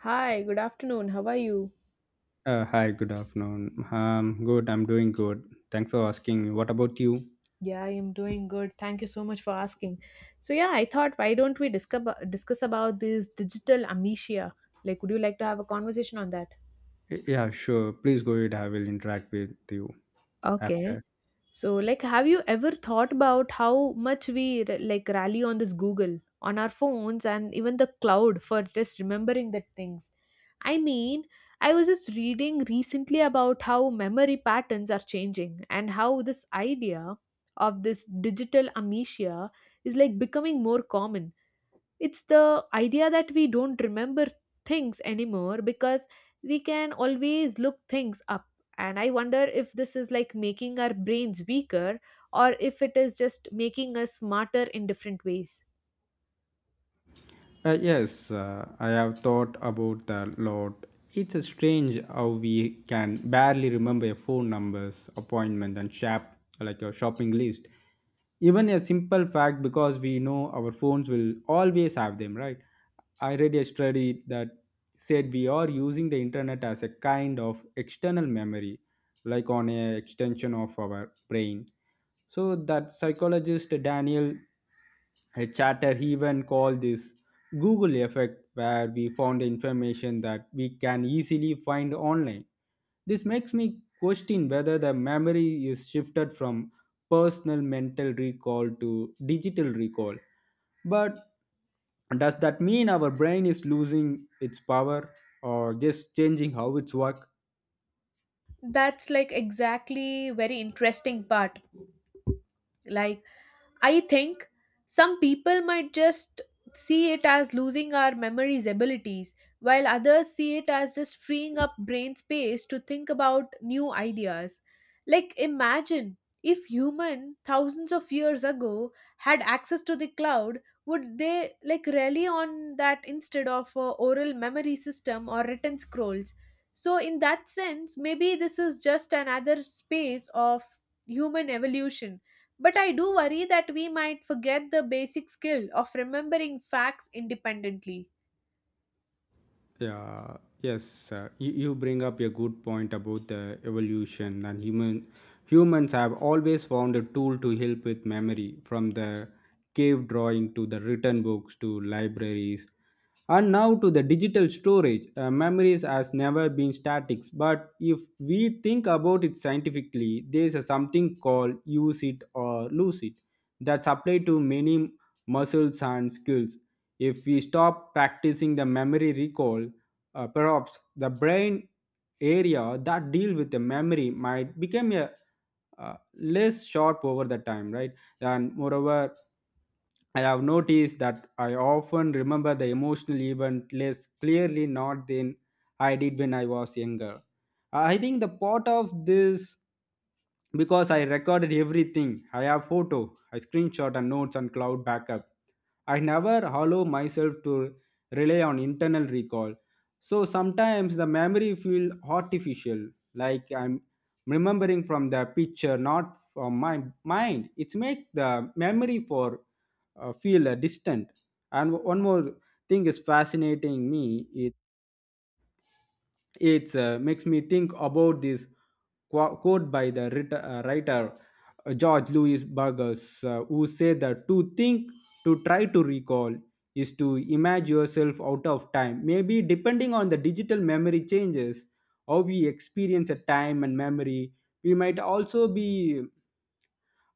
Hi, good afternoon. How are you? Hi, good afternoon. Good, I'm doing good. Thanks for asking me. What about you? Yeah, I am doing good. Thank you so much for asking. So yeah, I thought why don't we discuss about this digital amnesia? Like, would you like to have a conversation on that? Yeah, sure. Please go ahead. I will interact with you Okay. after. So, like, have you ever thought about how much we rally on this Google, on our phones, and even the cloud for just remembering the things? I mean, I was just reading recently about how memory patterns are changing and how this idea of this digital amnesia is like becoming more common. It's the idea that we don't remember things anymore because we can always look things up. And I wonder if this is like making our brains weaker or if it is just making us smarter in different ways. Yes, I have thought about that a lot. It's a strange how we can barely remember a phone numbers, appointment, and shop like a shopping list. Even a simple fact because we know our phones will always have them, right? I read a study that said we are using the internet as a kind of external memory, like on a extension of our brain. So that psychologist Daniel Chatter he even called this Google effect, where we found information that we can easily find online. This makes me question whether the memory is shifted from personal mental recall to digital recall. But does that mean our brain is losing its power or just changing how it's work? That's like exactly very interesting part. Like, I think some people might just see it as losing our memory's abilities, while others see it as just freeing up brain space to think about new ideas. Like, imagine if human thousands of years ago had access to the cloud, would they like rely on that instead of a oral memory system or written scrolls? So in that sense, maybe this is just another space of human evolution, but I do worry that we might forget the basic skill of remembering facts independently. Yeah, yes, you bring up a good point about the evolution and humans have always found a tool to help with memory from the cave drawing to the written books to libraries and now to the digital storage. Memories has never been static, but if we think about it scientifically, there's a something called use it or lose it that's applied to many muscles and skills. If we stop practicing the memory recall, perhaps the brain area that deal with the memory might become a less sharp over the time, right? And moreover, I have noticed that I often remember the emotional event less clearly not than I did when I was younger. I think the part of this because I recorded everything. I have photo, I screenshot and notes and cloud backup. I never allow myself to rely on internal recall. So sometimes the memory feel artificial, like I'm remembering from the picture, not from my mind. It's make the memory for feel distant. And one more thing is fascinating me. It makes me think about this quote by the writer George Louis Burgers, who said that to think, to try to recall, is to imagine yourself out of time. Maybe depending on the digital memory changes, how we experience a time and memory, we might also be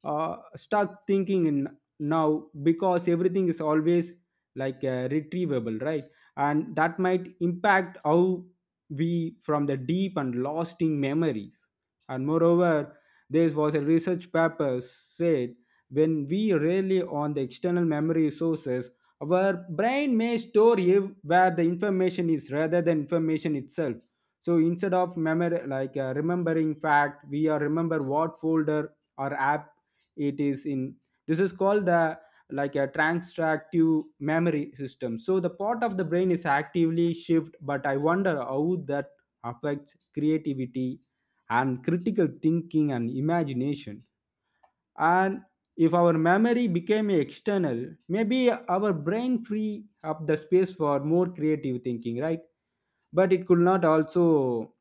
stuck thinking in now because everything is always like retrievable, right? And that might impact how we from the deep and lasting memories. And moreover, this was a research paper said when we rely on the external memory sources, our brain may store where the information is rather than information itself. So instead of memory like remembering fact, we are remember what folder or app it is in. This is called the like a transactive memory system, so the part of the brain is actively shift. But I wonder how that affects creativity and critical thinking and imagination. And if our memory became external, maybe our brain free up the space for more creative thinking, right? But it could not also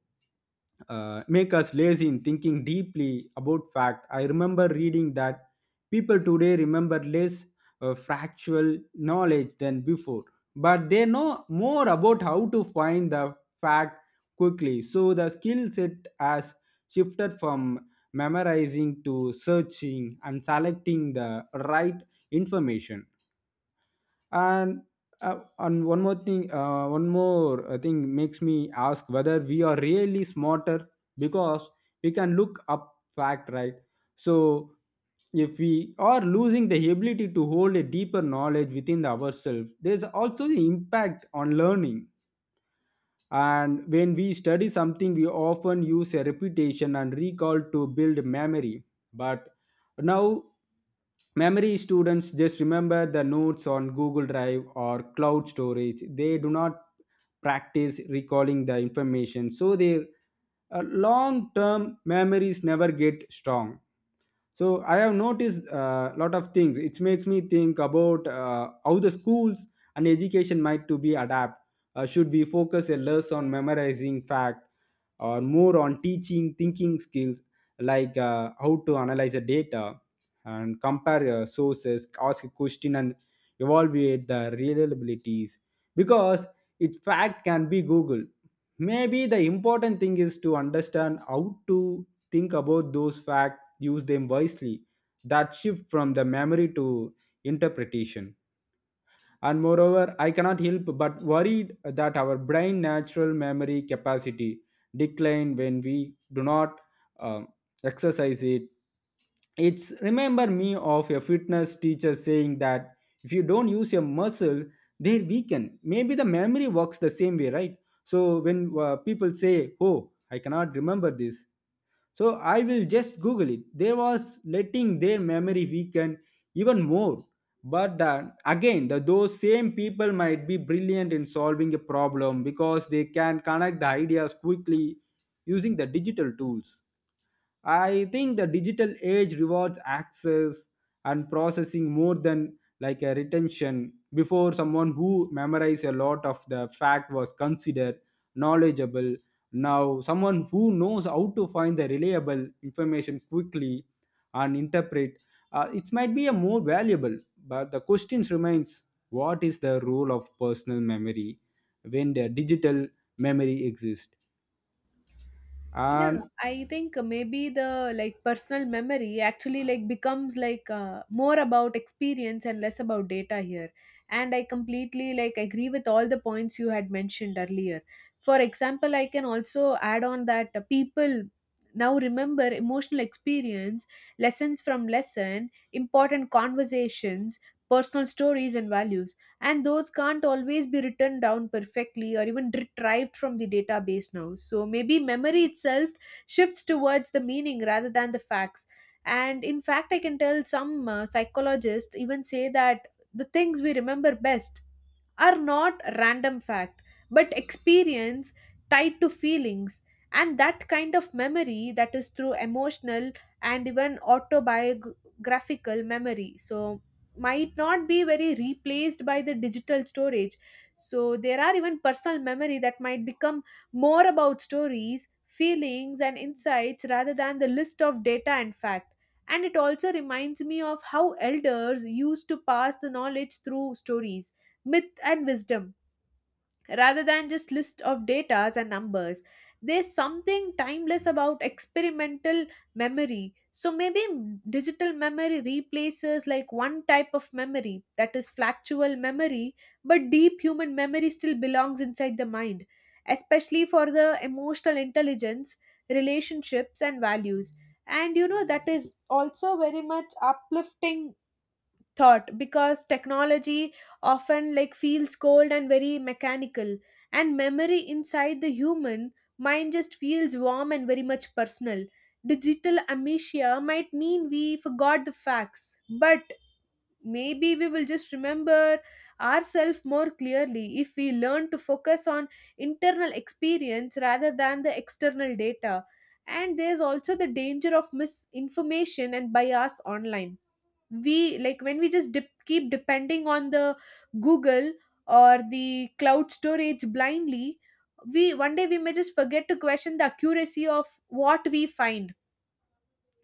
make us lazy in thinking deeply about fact. I remember reading that people today remember less factual knowledge than before, but they know more about how to find the fact quickly. So the skill set has shifted from memorizing to searching and selecting the right information. And and one more thing makes me ask whether we are really smarter because we can look up fact, right? So if we are losing the ability to hold a deeper knowledge within ourselves, there's also the impact on learning. And when we study something, we often use a repetition and recall to build memory. But now, memory students just remember the notes on Google Drive or cloud storage. They do not practice recalling the information. So, their long term memories never get strong. So I have noticed a lot of things. It makes me think about how the schools and education might to be adapt. Should we focus a less on memorizing fact or more on teaching thinking skills, like how to analyze the data and compare sources, ask a question and evaluate the reliabilities? Because its fact can be google, maybe the important thing is to understand how to think about those facts, use them wisely. That shift from the memory to interpretation. And moreover, I cannot help but worried that our brain natural memory capacity decline when we do not um, exercise it. It's remember me of a fitness teacher saying that if you don't use your muscle, they weaken. Maybe the memory works the same way, right? So when people say oh I cannot remember this, so I will just google it, they was letting their memory weaken even more. But again, those same people might be brilliant in solving a problem because they can connect the ideas quickly using the digital tools. I think the digital age rewards access and processing more than like a retention. Before, someone who memorized a lot of the fact was considered knowledgeable. Now someone who knows how to find the reliable information quickly and interpret it might be a more valuable. But the questions remains: what is the role of personal memory when the digital memory exists? Yeah, And I think maybe the like personal memory actually like becomes like more about experience and less about data here. And I completely like agree with all the points you had mentioned earlier. For example, I can also add on that people now remember emotional experience, lessons from lesson, important conversations, personal stories and values, and those can't always be written down perfectly or even retrieved from the database now. So maybe memory itself shifts towards the meaning rather than the facts. And in fact, I can tell some psychologists even say that the things we remember best are not random fact but experience tied to feelings, and that kind of memory that is through emotional and even autobiographical memory. So might not be very replaced by the digital storage. So there are even personal memory that might become more about stories, feelings and insights rather than the list of data and fact. And it also reminds me of how elders used to pass the knowledge through stories, myth and wisdom rather than just list of data and numbers. There's something timeless about experimental memory. So maybe digital memory replaces like one type of memory, that is factual memory, but deep human memory still belongs inside the mind, especially for the emotional intelligence, relationships and values. And you know that is also very much uplifting thought, because technology often like feels cold and very mechanical, and memory inside the human mind just feels warm and very much personal. Digital amnesia might mean we forgot the facts, but maybe we will just remember ourselves more clearly if we learn to focus on internal experience rather than the external data. And there's also the danger of misinformation and bias online. We like when we just keep depending on the google or the cloud storage blindly, we one day we may just forget to question the accuracy of what we find.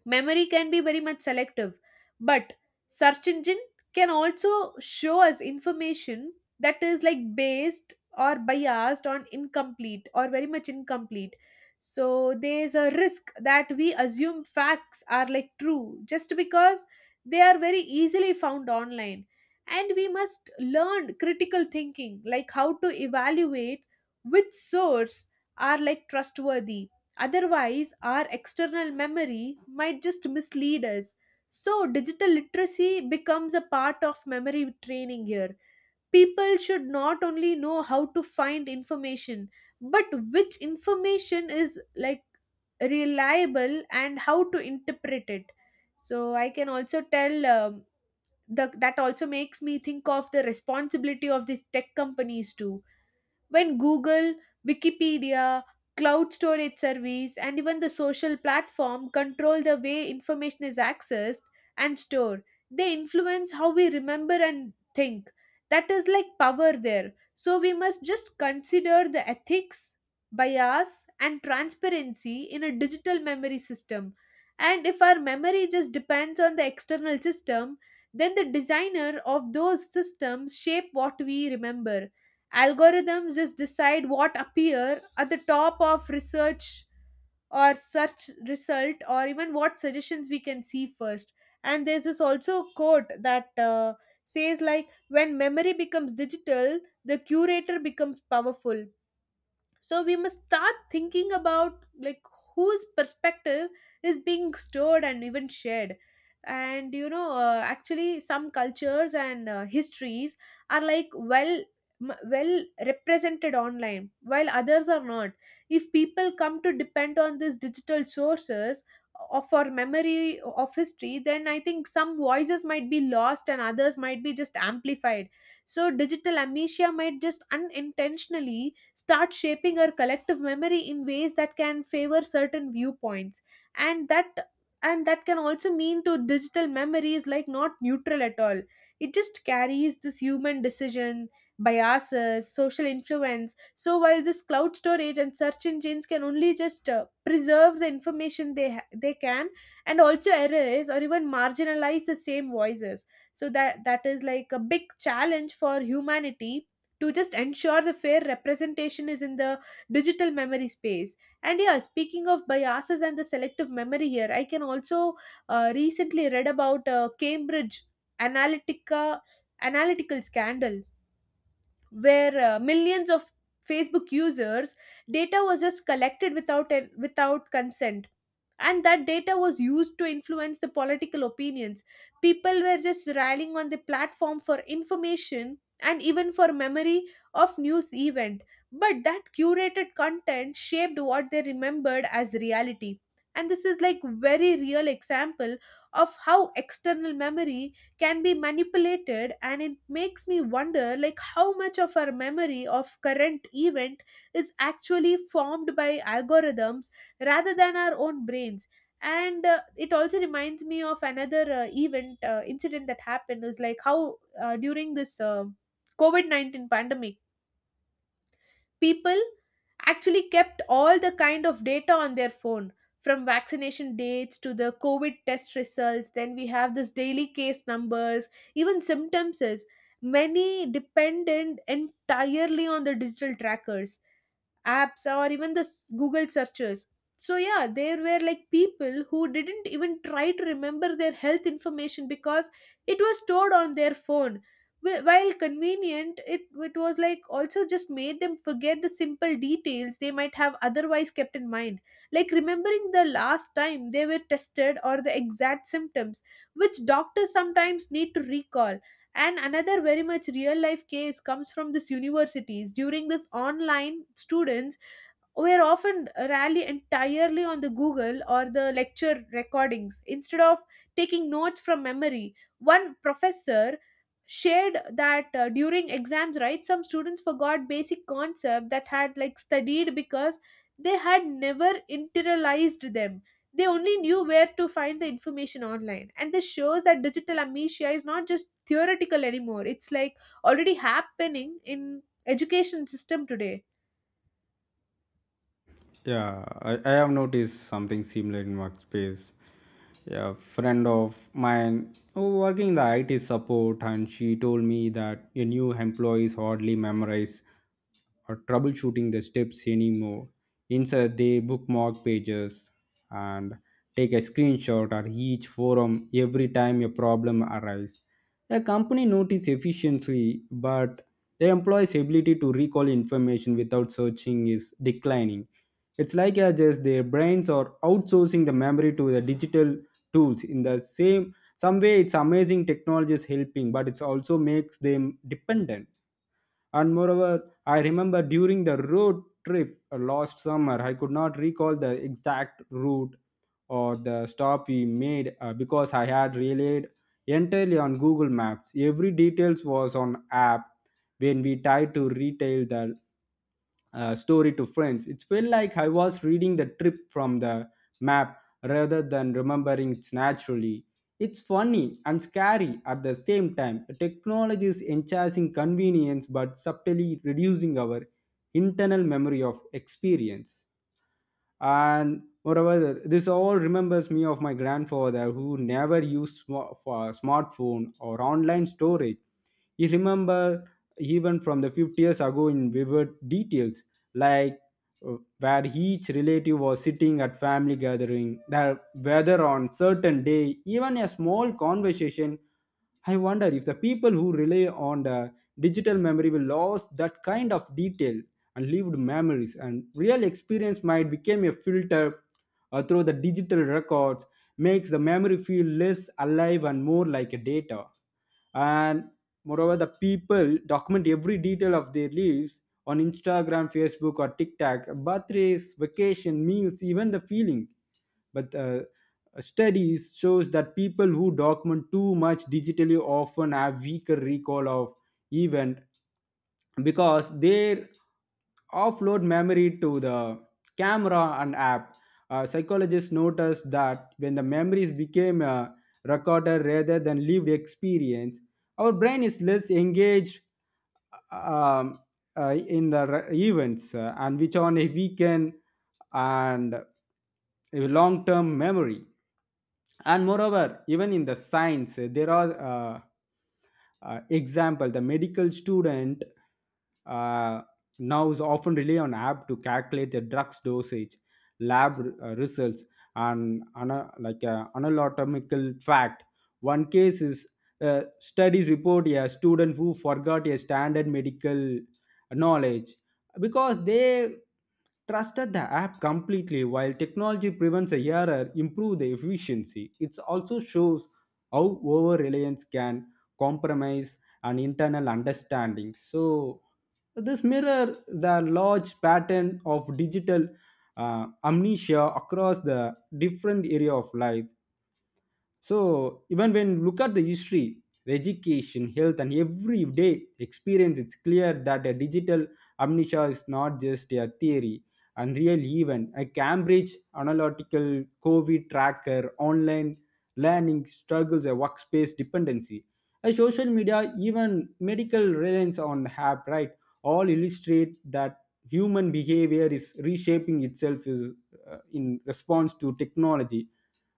Memory can be very much selective, but search engine can also show us information that is like based or biased on incomplete or very much incomplete. So there's a risk that we assume facts are like true just because they are very easily found online, and we must learn critical thinking, like how to evaluate which source are like trustworthy. Otherwise, our external memory might just mislead us. So, digital literacy becomes a part of memory training here. People should not only know how to find information, but which information is like reliable and how to interpret it. So, I can also tell that also makes me think of the responsibility of the tech companies too. When Google, Wikipedia, cloud storage service, and even the social platform control the way information is accessed and stored, they influence how we remember and think. That is like power there. So we must just consider the ethics, bias, and transparency in a digital memory system. And if our memory just depends on the external system, then the designer of those systems shape what we remember. Algorithms just decide what appear at the top of research or search result, or even what suggestions we can see first. And there's this also quote that says like when memory becomes digital, the curator becomes powerful. So we must start thinking about like whose perspective is being stored and even shared. And you know actually some cultures and histories are like well represented online, while others are not. If people come to depend on these digital sources of for memory of history, then I think some voices might be lost and others might be just amplified. So digital amnesia might just unintentionally start shaping our collective memory in ways that can favor certain viewpoints. And that and that can also mean to digital memory is like not neutral at all. It just carries this human decision, biases, social influence. So while this cloud storage and search engines can only just preserve the information they can, and also erase or even marginalize the same voices. So that is like a big challenge for humanity to just ensure the fair representation is in the digital memory space. And yeah, speaking of biases and the selective memory here, I can also recently read about cambridge analytica analytical scandal, where millions of facebook users data was just collected without consent, and that data was used to influence the political opinions. People were just rallying on the platform for information and even for memory of news event, but that curated content shaped what they remembered as reality. And this is like very real example of how external memory can be manipulated, and it makes me wonder like how much of our memory of current event is actually formed by algorithms rather than our own brains. And it also reminds me of another event incident that happened. It was like how during this covid-19 pandemic, people actually kept all the kind of data on their phone, from vaccination dates to the covid test results, then we have this daily case numbers, even symptoms is many dependent entirely on the digital trackers, apps, or even the google searches. So yeah, there were like people who didn't even try to remember their health information because it was stored on their phone. While convenient, it was like also just made them forget the simple details they might have otherwise kept in mind, like remembering the last time they were tested or the exact symptoms, which doctors sometimes need to recall. And another very much real life case comes from this universities. During this online, students were often rally entirely on the Google or the lecture recordings instead of taking notes from memory. One professor shared that during exams, right, some students forgot basic concept that had like studied because they had never internalized them. They only knew where to find the information online. And this shows that digital amnesia is not just theoretical anymore. It's like already happening in education system today. yeah, I have noticed something similar in workspace. Yeah, a friend of mine who working in the IT support, and she told me that your new employees hardly memorize or troubleshooting the steps anymore. Instead, they bookmark pages and take a screenshot or each forum every time a problem arises. The company notice efficiency, but the employee's ability to recall information without searching is declining. It's like as just their brains are outsourcing the memory to the digital tools. In the same some way it's amazing technology is helping, but it also makes them dependent. And moreover, I remember during the road trip last summer, I could not recall the exact route or the stop we made because I had relied entirely on Google Maps. Every details was on app. When we tried to retell the story to friends, it felt like I was reading the trip from the map rather than remembering it naturally. It's funny and scary at the same time. Technology is enhancing convenience but subtly reducing our internal memory of experience. And moreover, this all remembers me of my grandfather who never used for smartphone or online storage. He remember even from the 50 years ago in vivid details, like where each relative was sitting at family gathering, their weather on certain day, even a small conversation. I wonder if the people who rely on the digital memory will lose that kind of detail, and lived memories and real experience might become a filter through the digital records, makes the memory feel less alive and more like a data. And moreover, the people document every detail of their lives on instagram, facebook or tiktok, birthdays, vacation, meals, even the feeling. But studies shows that people who document too much digitally often have weaker recall of event because they offload memory to the camera and app. Psychologists noticed that when the memories became a recorder rather than lived experience, our brain is less engaged, um, in the events, and which on a weekend and a long-term memory. And moreover, even in the science, there are example the medical student uh, now is often rely on app to calculate the drugs dosage, lab results and anatomical fact. One case is, studies report a student who forgot a standard medical knowledge because they trusted the app completely. While technology prevents a error, improve the efficiency, it also shows how over reliance can compromise an internal understanding. So this mirror the large pattern of digital amnesia across the different area of life. So even when you look at the history, education, health, and everyday experience, it's clear that a digital amnesia is not just a theory and real event. A Cambridge analytical COVID tracker, online learning struggles, a workspace dependency, a social media, even medical reliance on app, right? All illustrate that human behavior is reshaping itself in response to technology.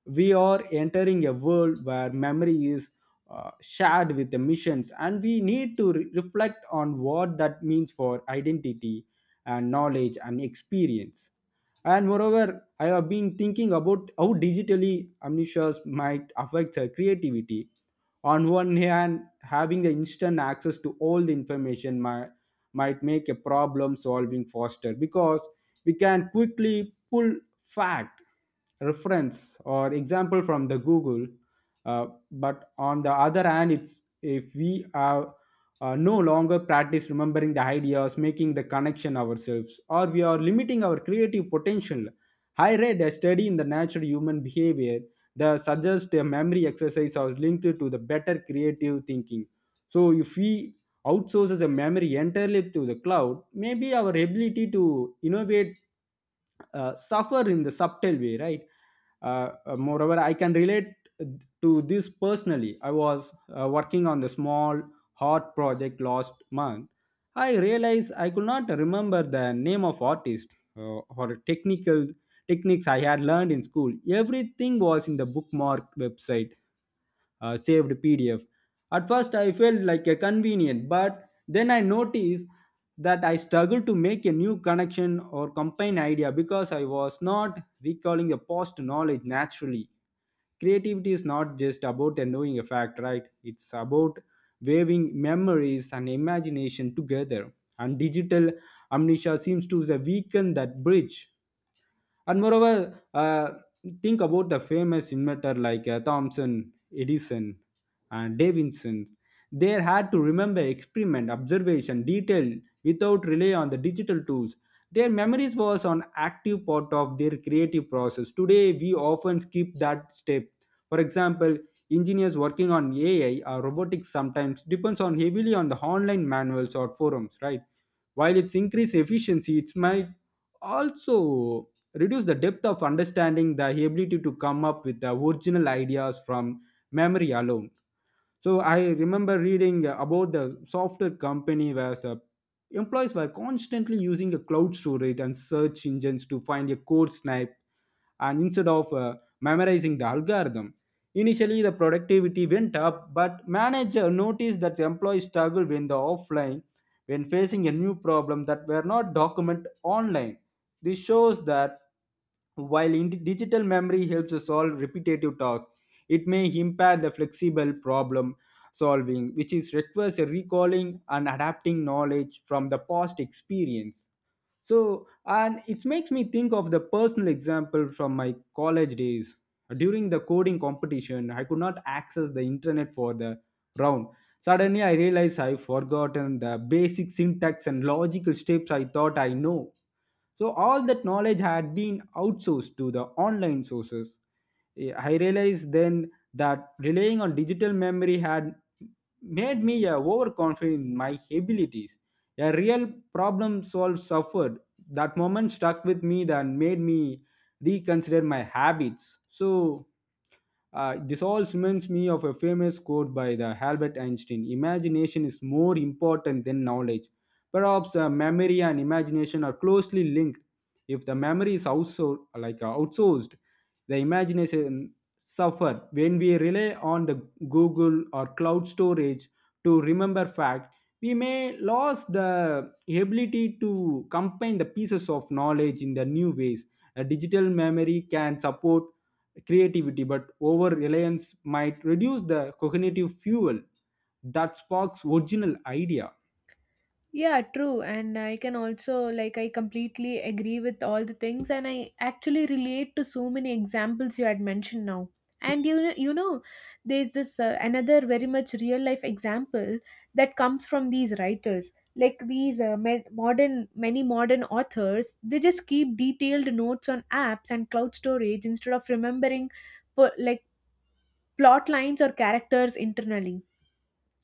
We are entering a world where memory is shared with the missions, and we need to reflect on what that means for identity and knowledge and experience. And moreover, I have been thinking about how digitally amnesias might affect her creativity. On one hand, having the instant access to all the information might make a problem solving faster because we can quickly pull fact, reference or example from the Google. Uh, but on the other hand, it's if we are no longer practice remembering the ideas, making the connection ourselves, or we are limiting our creative potential. I read a study in the Natural Human Behavior that suggests a memory exercise is linked to the better creative thinking. So if we outsources a memory entirely to the cloud, maybe our ability to innovate suffer in the subtle way, right? Moreover, I can relate to this personally. I was working on the small hot project last month. I realized I could not remember the name of artist or technical techniques I had learned in school. Everything was in the bookmark website, saved PDF. At first, I felt like a convenient, but then I noticed that I struggled to make a new connection or combine idea because I was not recalling the past knowledge naturally. Creativity is not just about knowing a fact, right? It's about waving memories and imagination together. And digital amnesia seems to weaken that bridge. And moreover, think about the famous inventor like Thomson, Edison, and Davidson. They had to remember experiment, observation, detail without rely on the digital tools. Their memories was an active part of their creative process. Today, we often skip that step. For example, engineers working on AI or robotics sometimes depends on heavily on the online manuals or forums, right? While it's increased efficiency, it might also reduce the depth of understanding, the ability to come up with the original ideas from memory alone. So I remember reading about the software company where the employees were constantly using a cloud storage and search engines to find a code snipe, and instead of memorizing the algorithm. Initially, the productivity went up, but manager noticed that the employees struggled when the offline when facing a new problem that were not documented online. This shows that while in digital memory helps us solve repetitive tasks, it may impair the flexible problem solving, which is requires a recalling and adapting knowledge from the past experience. So, and it makes me think of the personal example from my college days. During the coding competition, I could not access the internet for the round. Suddenly, I realized I've forgotten the basic syntax and logical steps I thought I know. So all that knowledge had been outsourced to the online sources. Eh, I realized then that relying on digital memory had made me overconfident in my abilities. A real problem solved suffered. That moment stuck with me, that made me reconsider my habits. So this all reminds me of a famous quote by the Albert Einstein: "Imagination is more important than knowledge." Perhaps memory and imagination are closely linked. If the memory is outsourced, the imagination suffer. When we rely on the Google or cloud storage to remember fact, we may lose the ability to combine the pieces of knowledge in the new ways. A digital memory can support creativity, but over reliance might reduce the cognitive fuel that sparks original idea. Yeah, true. And I can also, like, I completely agree with all the things, and I actually relate to so many examples you had mentioned now. And you know, there's this another very much real life example that comes from these writers, like these med- modern many modern authors. They just keep detailed notes on apps and cloud storage instead of remembering, like plot lines or characters internally,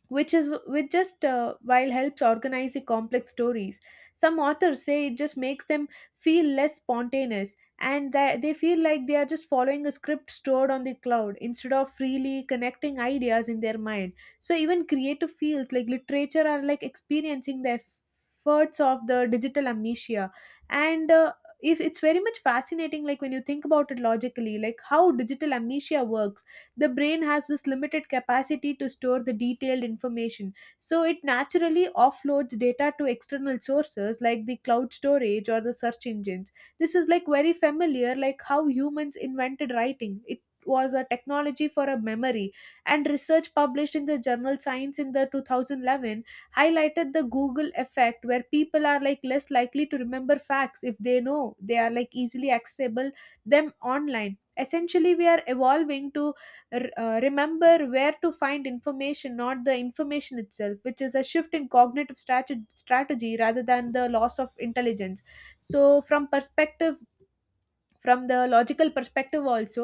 which is which just while helps organize the complex stories. Some authors say it just makes them feel less spontaneous and that they feel like they are just following a script stored on the cloud instead of freely connecting ideas in their mind. So even creative fields like literature are like experiencing the efforts of the digital amnesia. And uh, if it's very much fascinating like when you think about it logically, like how digital amnesia works, the brain has this limited capacity to store the detailed information, so it naturally offloads data to external sources like the cloud storage or the search engines. This is like very familiar like how humans invented writing. It was a technology for a memory. And research published in the journal science in the 2011 highlighted the google effect, where people are like less likely to remember facts if they know they are like easily accessible them online. Essentially we are evolving to remember where to find information, not the information itself, which is a shift in cognitive strategy rather than the loss of intelligence. So from perspective, from the logical perspective also,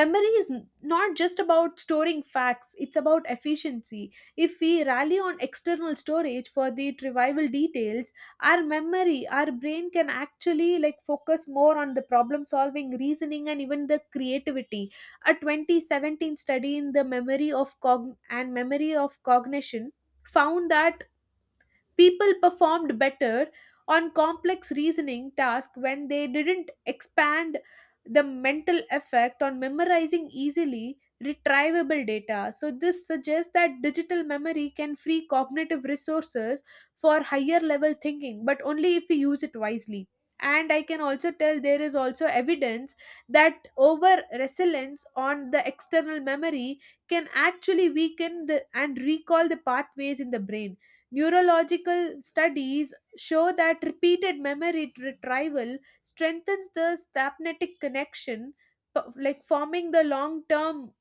memory is not just about storing facts, it's about efficiency. If we rally on external storage for the trivial details, our memory, our brain can actually like focus more on the problem solving, reasoning, and even the creativity. A 2017 study in the memory of cog and memory of cognition found that people performed better on complex reasoning tasks when they didn't expand the mental effect on memorizing easily retrievable data. So this suggests that digital memory can free cognitive resources for higher level thinking, but only if we use it wisely. And I can also tell there is also evidence that over resilience on the external memory can actually weaken the and recall the pathways in the brain. Neurological studies show that repeated memory retrieval strengthens the synaptic connection, like forming the long term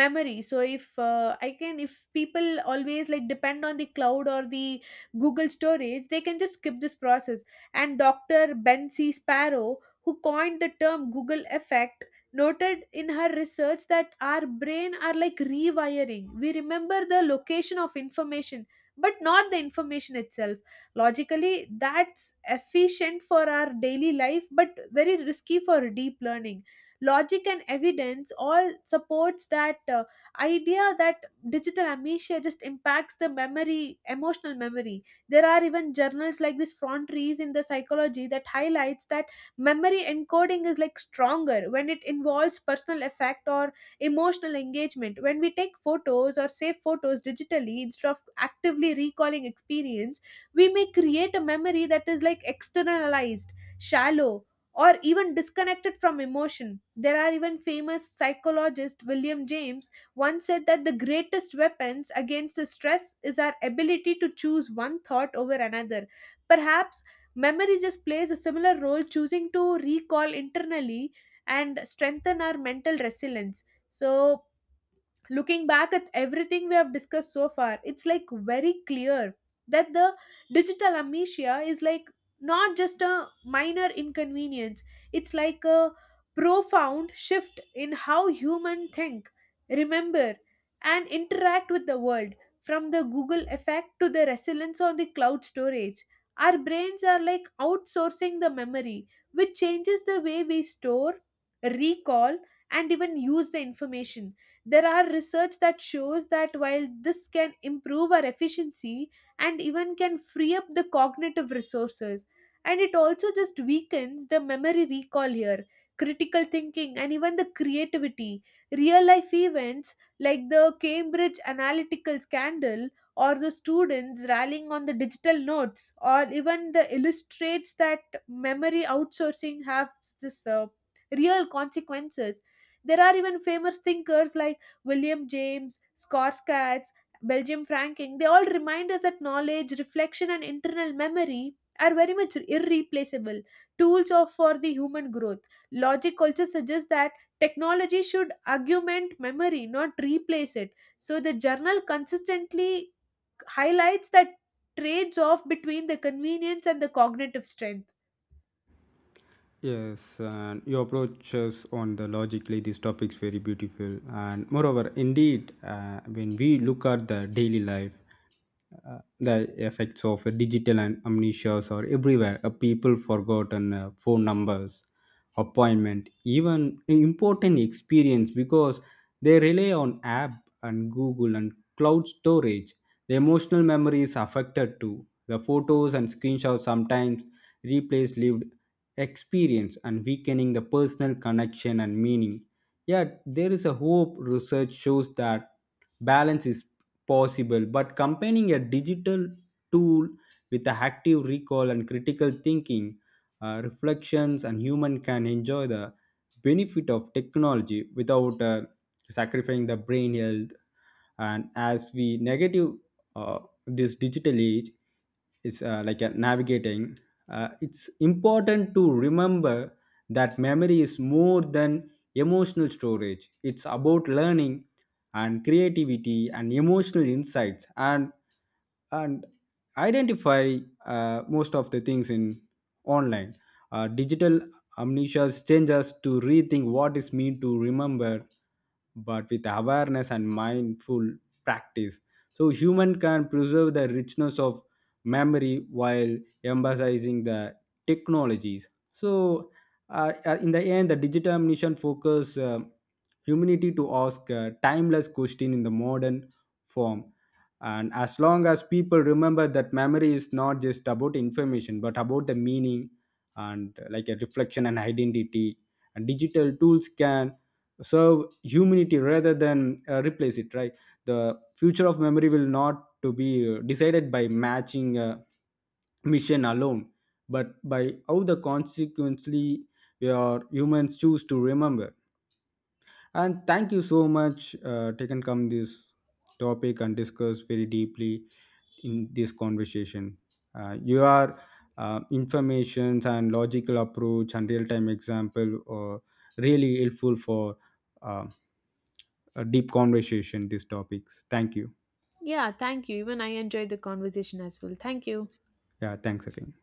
memory. So if I can if people always like depend on the cloud or the google storage, they can just skip this process. And dr ben c sparrow, who coined the term google effect, noted in her research that our brain are like rewiring. We remember the location of information but not the information itself. Logically that's efficient for our daily life but very risky for deep learning. Logic and evidence all supports that idea that digital amnesia just impacts the memory, emotional memory. There are even journals like this frontiers in the psychology that highlights that memory encoding is like stronger when it involves personal effect or emotional engagement. When we take photos or save photos digitally instead of actively recalling experience, we may create a memory that is like externalized, shallow, or even disconnected from emotion. There are even famous psychologist William James once said that the greatest weapons against the stress is our ability to choose one thought over another. Perhaps memory just plays a similar role, choosing to recall internally and strengthen our mental resilience. So looking back at everything we have discussed so far, it's like very clear that the digital amnesia is like not just a minor inconvenience, it's like a profound shift in how human think, remember, and interact with the world, from the Google effect to the resilience on the cloud storage. Our brains are like outsourcing the memory, which changes the way we store, recall, and even use the information. There are research that shows that while this can improve our efficiency and even can free up the cognitive resources, and it also just weakens the memory recall here, critical thinking, and even the creativity. Real life events like the Cambridge Analytical scandal or the students rallying on the digital notes or even the illustrates that memory outsourcing has this real consequences. There are even famous thinkers like William James, Scott's Katz, Belgium Franking, they all remind us that knowledge, reflection, and internal memory are very much irreplaceable tools of for the human growth. Logic also suggests that technology should augment memory, not replace it. So the journal consistently highlights that trades off between the convenience and the cognitive strength. Yes, and your approaches on the logically these topics very beautiful, and moreover, indeed, when we look at the daily life, the effects of digital and amnesia are everywhere. People forgotten phone numbers, appointment, even important experience because they rely on app and Google and cloud storage. The emotional memory is affected too. The photos and screenshots sometimes replace lived experience and weakening the personal connection and meaning. Yet, there is a hope research shows that balance is possible, but combining a digital tool with the active recall and critical thinking, reflections, and human can enjoy the benefit of technology without sacrificing the brain health. And as we negative uh, this digital age is like a navigating, it's important to remember that memory is more than emotional storage. It's about learning and creativity and emotional insights and identify most of the things in online. Digital amnesia changes us to rethink what is mean to remember, but with awareness and mindful practice. So human can preserve the richness of memory while emphasizing the technologies. So in the end, the digital amnesia focus humanity to ask a timeless question in the modern form. And as long as people remember that memory is not just about information but about the meaning and like a reflection and identity, and digital tools can serve humanity rather than replace it, right? The future of memory will not to be decided by matching a mission alone, but by how the consequently your humans choose to remember. And thank you so much, taken come this topic and discuss very deeply in this conversation. Your informations and logical approach and real-time example are really helpful for uh, a deep conversation. These topics. Thank you. Yeah, thank you. Even I enjoyed the conversation as well. Thank you. Yeah. Thanks again.